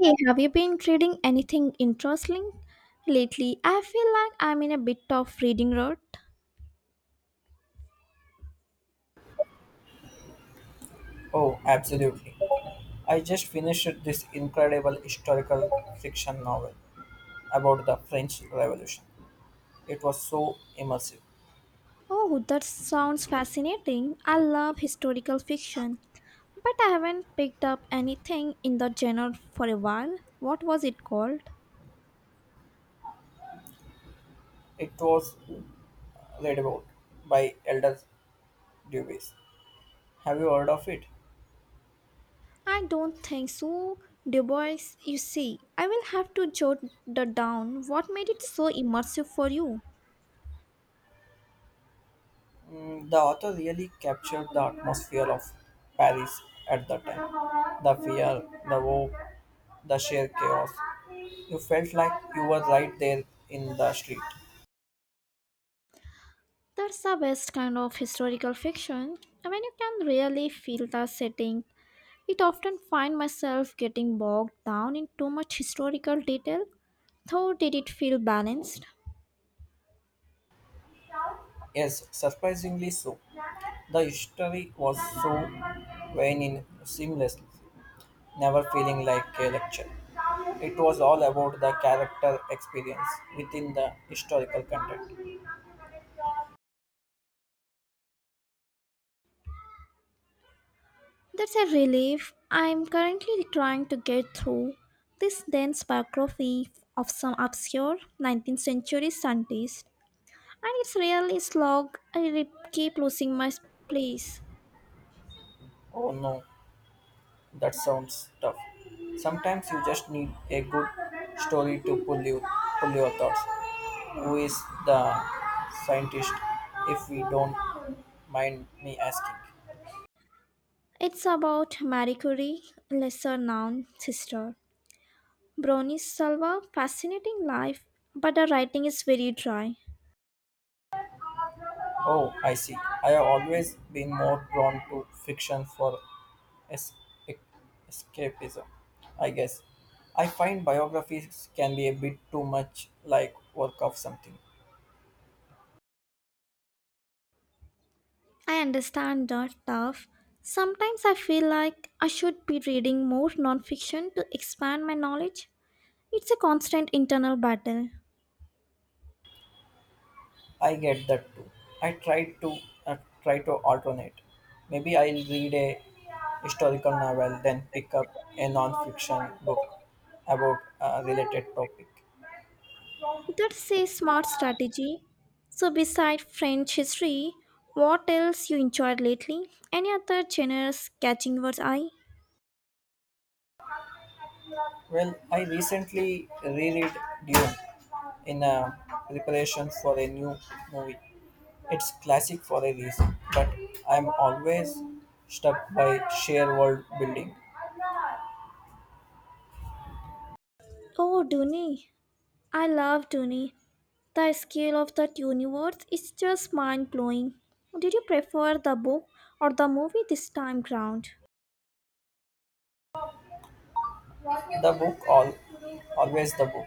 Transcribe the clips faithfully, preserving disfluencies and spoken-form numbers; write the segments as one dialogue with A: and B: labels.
A: Hey, have you been reading anything interesting lately? I feel like I'm in a bit of reading rut.
B: Oh, absolutely. I just finished this incredible historical fiction novel about the French Revolution. It was so immersive.
A: Oh, that sounds fascinating. I love historical fiction, but I haven't picked up anything in the genre for a while. What was it called?
B: It was read about by Elder Dubois. Have you heard of it?
A: I don't think so. Du Bois, you see, I will have to jot that down. What made it so immersive for you?
B: Mm, the author really captured the atmosphere of Paris at the time. The fear, the hope, the sheer chaos. You felt like you were right there in the street.
A: That's the best kind of historical fiction when you can really feel the setting. It often find myself getting bogged down in too much historical detail, though did it feel balanced?
B: Yes, surprisingly so. The history was so vain and seamless, never feeling like a lecture. It was all about the character experience within the historical context.
A: That's a relief. I'm currently trying to get through this dense biography of some obscure nineteenth century scientist, and it's really slog. I re- keep losing my place.
B: Oh no, that sounds tough. Sometimes you just need a good story to pull you pull your thoughts. Who is the scientist if we don't mind me asking?
A: It's about Marie Curie, lesser known sister. Brownie's Salva, fascinating life, but her writing is very dry.
B: Oh, I see. I have always been more drawn to fiction for es- e- escapism, I guess. I find biographies can be a bit too much like work of something.
A: I understand that tough. Sometimes I feel like I should be reading more nonfiction to expand my knowledge. It's a constant internal battle.
B: I get that too. I try to uh, try to alternate. Maybe I'll read a historical novel, then pick up a non-fiction book about a related topic.
A: That's a smart strategy. So, beside French history, what else you enjoyed lately? Any other genres catching your eye?
B: Well, I recently reread Dune in uh, preparation for a new movie. It's classic for a reason, but I'm always struck by sheer world building.
A: Oh, Dune. I love Dune. The scale of that universe is just mind blowing. Did you prefer the book or the movie this time round?
B: The book, all, always the book.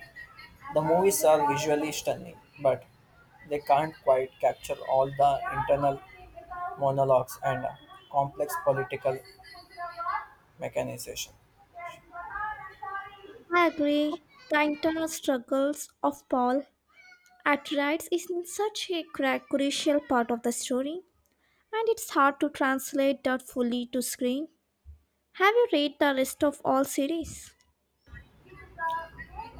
B: The movies are visually stunning, but they can't quite capture all the internal monologues and uh, complex political mechanization.
A: I agree. The internal struggles of Paul Atreides is in such a cra- crucial part of the story, and it's hard to translate that fully to screen. Have you read the rest of all series?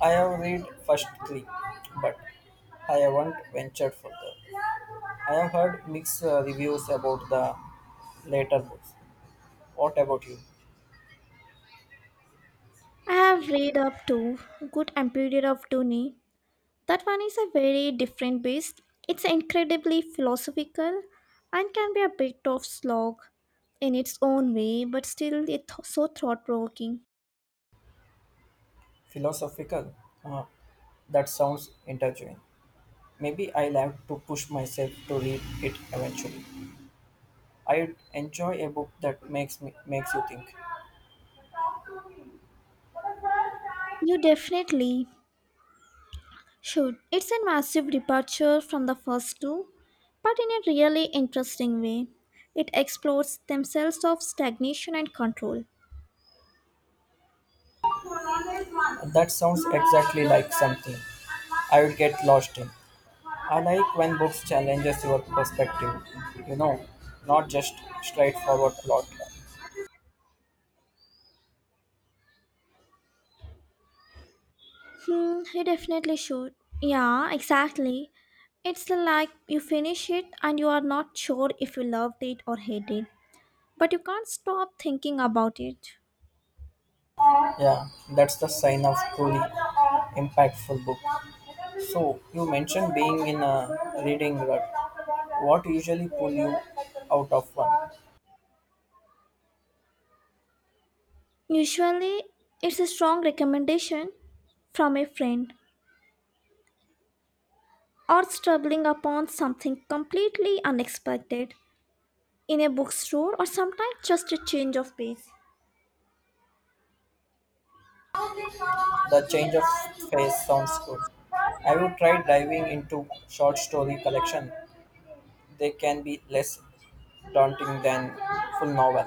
B: I have read first three, but I haven't ventured further. I have heard mixed uh, reviews about the later books. What about you?
A: I have read up to Good Empire of Dune. That one is a very different beast. It's incredibly philosophical and can be a bit of slog in its own way, but still it's so thought provoking.
B: Philosophical? Uh, that sounds intriguing. Maybe I'll have to push myself to read it eventually. I enjoy a book that makes me makes you think.
A: You definitely. Sure, it's a massive departure from the first two, but in a really interesting way. It explores themselves of stagnation and control.
B: That sounds exactly like something I would get lost in. I like when books challenges your perspective, you know, not just straightforward plot.
A: Hmm, you definitely should. Yeah, exactly. It's like you finish it and you are not sure if you loved it or hate it, but you can't stop thinking about it.
B: Yeah, that's the sign of truly impactful book. So you mentioned being in a reading rut. What usually pull you out of one?
A: Usually, it's a strong recommendation from a friend or stumbling upon something completely unexpected in a bookstore, or sometimes just a change of pace.
B: The change of pace sounds good. Have you tried diving into short story collection? They can be less daunting than full novel.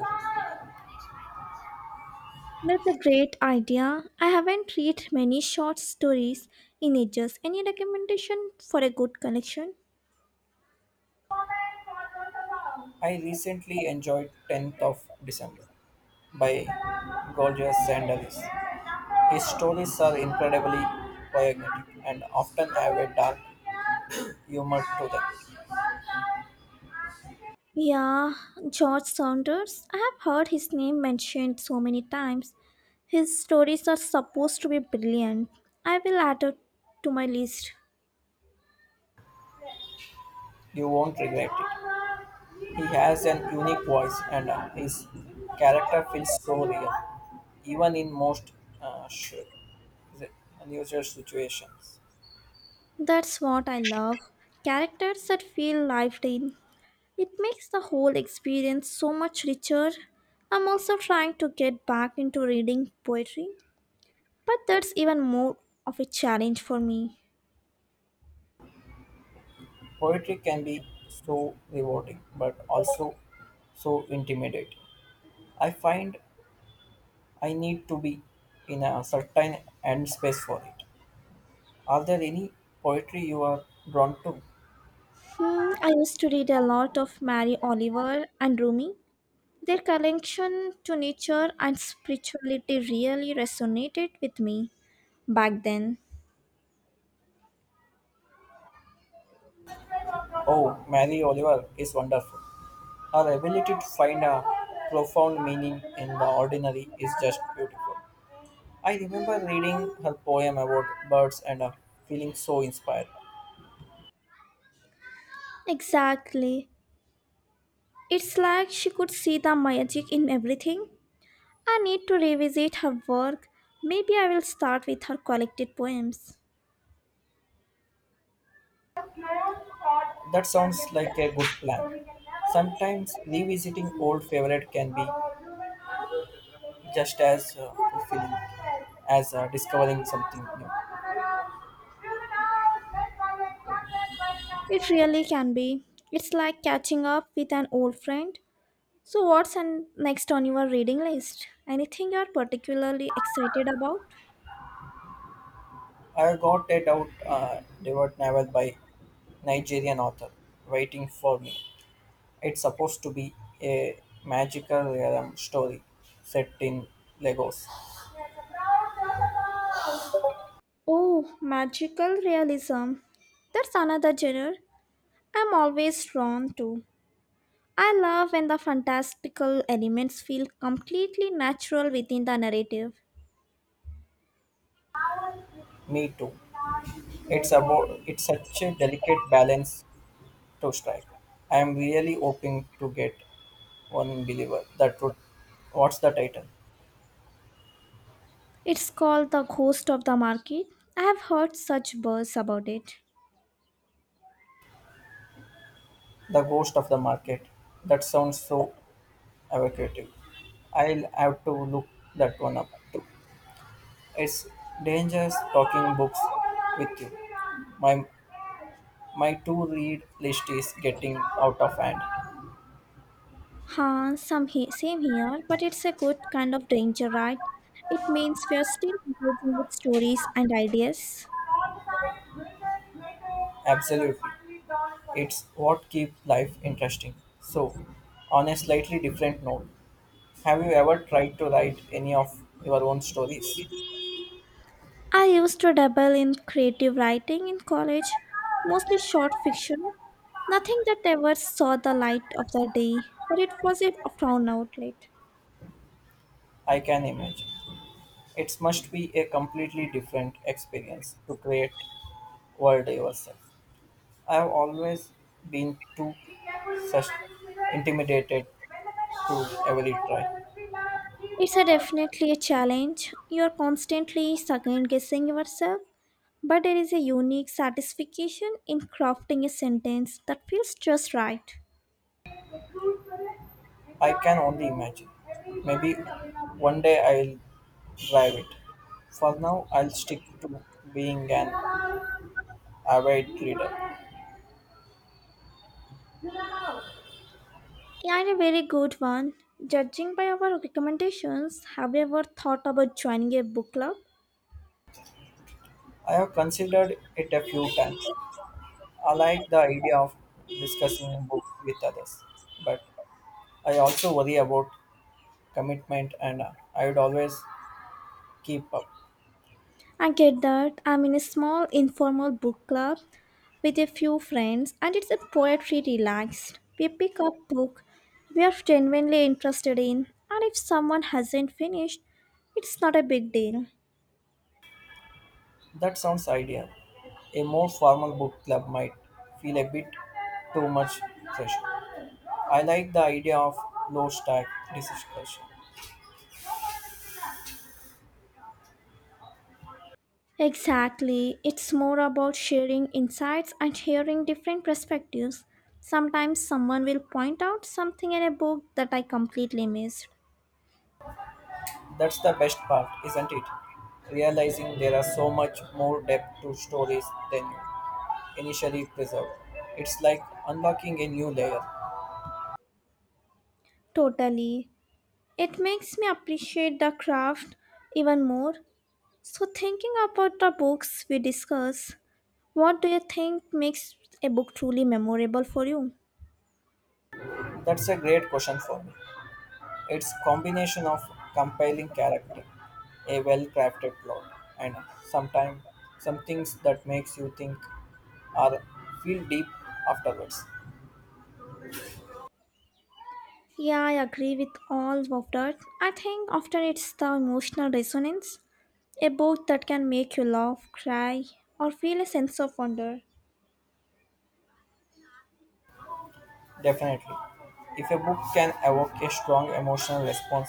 A: That's a great idea. I haven't read many short stories in ages. Any recommendation for a good collection?
B: I recently enjoyed tenth of December by Gorgias Sandalis. His stories are incredibly poignant and often have a dark humor to them.
A: Yeah, George Saunders. I have heard his name mentioned so many times. His stories are supposed to be brilliant. I will add it to my list.
B: You won't regret it. He has an unique voice, and uh, his character feels so real, even in most uh, sh- unusual situations.
A: That's what I love. Characters that feel lived in. It makes the whole experience so much richer. I'm also trying to get back into reading poetry, but that's even more of a challenge for me.
B: Poetry can be so rewarding, but also so intimidating. I find I need to be in a certain end space for it. Are there any poetry you are drawn to?
A: Hmm, I used to read a lot of Mary Oliver and Rumi. Their connection to nature and spirituality really resonated with me back then.
B: Oh, Mary Oliver is wonderful. Her ability to find a profound meaning in the ordinary is just beautiful. I remember reading her poem about birds and uh, feeling so inspired.
A: Exactly. It's like she could see the magic in everything. I need to revisit her work. Maybe I will start with her collected poems.
B: That sounds like a good plan. Sometimes revisiting old favorite can be just as uh, fulfilling as uh, discovering something new.
A: It really can be. It's like catching up with an old friend. So, what's an next on your reading list? Anything you're particularly excited about?
B: I got it out uh, devoured novel by Nigerian author, Waiting for Me. It's supposed to be a magical realm story set in Lagos.
A: Oh, magical realism. That's another genre I'm always drawn to. I love when the fantastical elements feel completely natural within the narrative.
B: Me too. It's about it's such a delicate balance to strike. I am really hoping to get one believer. That would what's the title?
A: It's called The Ghost of the Market. I have heard such buzz about it.
B: The Ghost of the Market. That sounds so evocative. I'll have to look that one up. It's dangerous talking books with you. My my to read list is getting out of hand.
A: Huh, some he- same here, but it's a good kind of danger, right? It means we are still engaging with stories and ideas.
B: Absolutely. It's what keeps life interesting. So, on a slightly different note, have you ever tried to write any of your own stories?
A: I used to dabble in creative writing in college, mostly short fiction. Nothing that ever saw the light of the day, but it was a profound outlet.
B: I can imagine. It must be a completely different experience to create world yourself. I have always been too sus- intimidated to ever try.
A: It's a definitely a challenge. You're constantly second guessing yourself, but there is a unique satisfaction in crafting a sentence that feels just right.
B: I can only imagine. Maybe one day I'll drive it. For now, I'll stick to being an avid reader.
A: Yeah, a very good one. Judging by our recommendations, have you ever thought about joining a book club?
B: I have considered it a few times, I like the idea of discussing books with others, but I also worry about commitment and uh, I would always keep up.
A: I get that. I'm in a small informal book club with a few friends, and it's a poetry relaxed. We pick up book we are genuinely interested in, and if someone hasn't finished, it's not a big deal.
B: That sounds ideal. A more formal book club might feel a bit too much pressure. I like the idea of low stack discussion.
A: Exactly. It's more about sharing insights and hearing different perspectives. Sometimes someone will point out something in a book that I completely missed.
B: That's the best part, isn't it? Realizing there are so much more depth to stories than you initially preserved. It's like unlocking a new layer.
A: Totally. It makes me appreciate the craft even more. So, thinking about the books we discuss, what do you think makes a book truly memorable for you?
B: That's a great question for me. It's combination of compelling character, a well-crafted plot, and sometimes some things that makes you think or feel deep afterwards.
A: Yeah, I agree with all of that. I think often it's the emotional resonance, a book that can make you laugh, cry, or feel a sense of wonder.
B: Definitely. If a book can evoke a strong emotional response,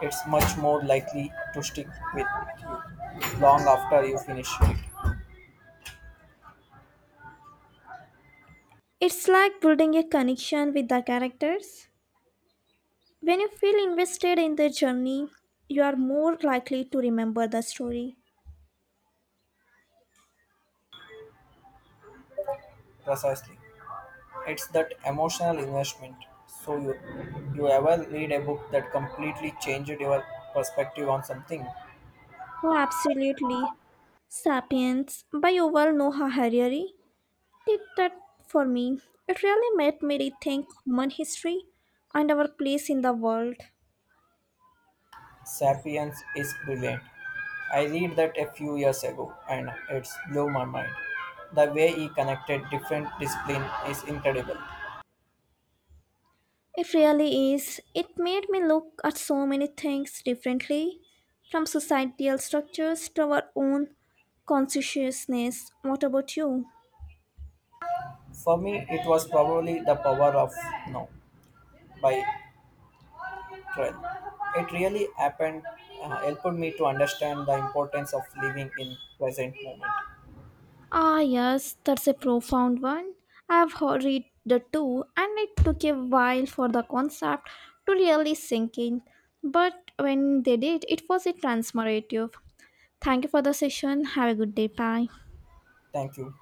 B: it's much more likely to stick with you long after you finish it.
A: It's like building a connection with the characters. When you feel invested in their journey, you are more likely to remember the story.
B: Precisely. It's that emotional investment. So you you ever read a book that completely changed your perspective on something?
A: Oh, absolutely. Sapiens by Yuval Noah Harari did that for me. It really made me rethink human history and our place in the world.
B: Sapiens is brilliant. I read that a few years ago and it's blew my mind. The way he connected different discipline is incredible.
A: It really is. It made me look at so many things differently, from societal structures to our own consciousness. What about you?
B: For me, it was probably the power of now by Trell. It really happened, uh, helped me to understand the importance of living in present moment.
A: Ah, yes, that's a profound one. I've heard- read the two, and it took a while for the concept to really sink in. But when they did, it was a transformative. Thank you for the session. Have a good day. Bye.
B: Thank you.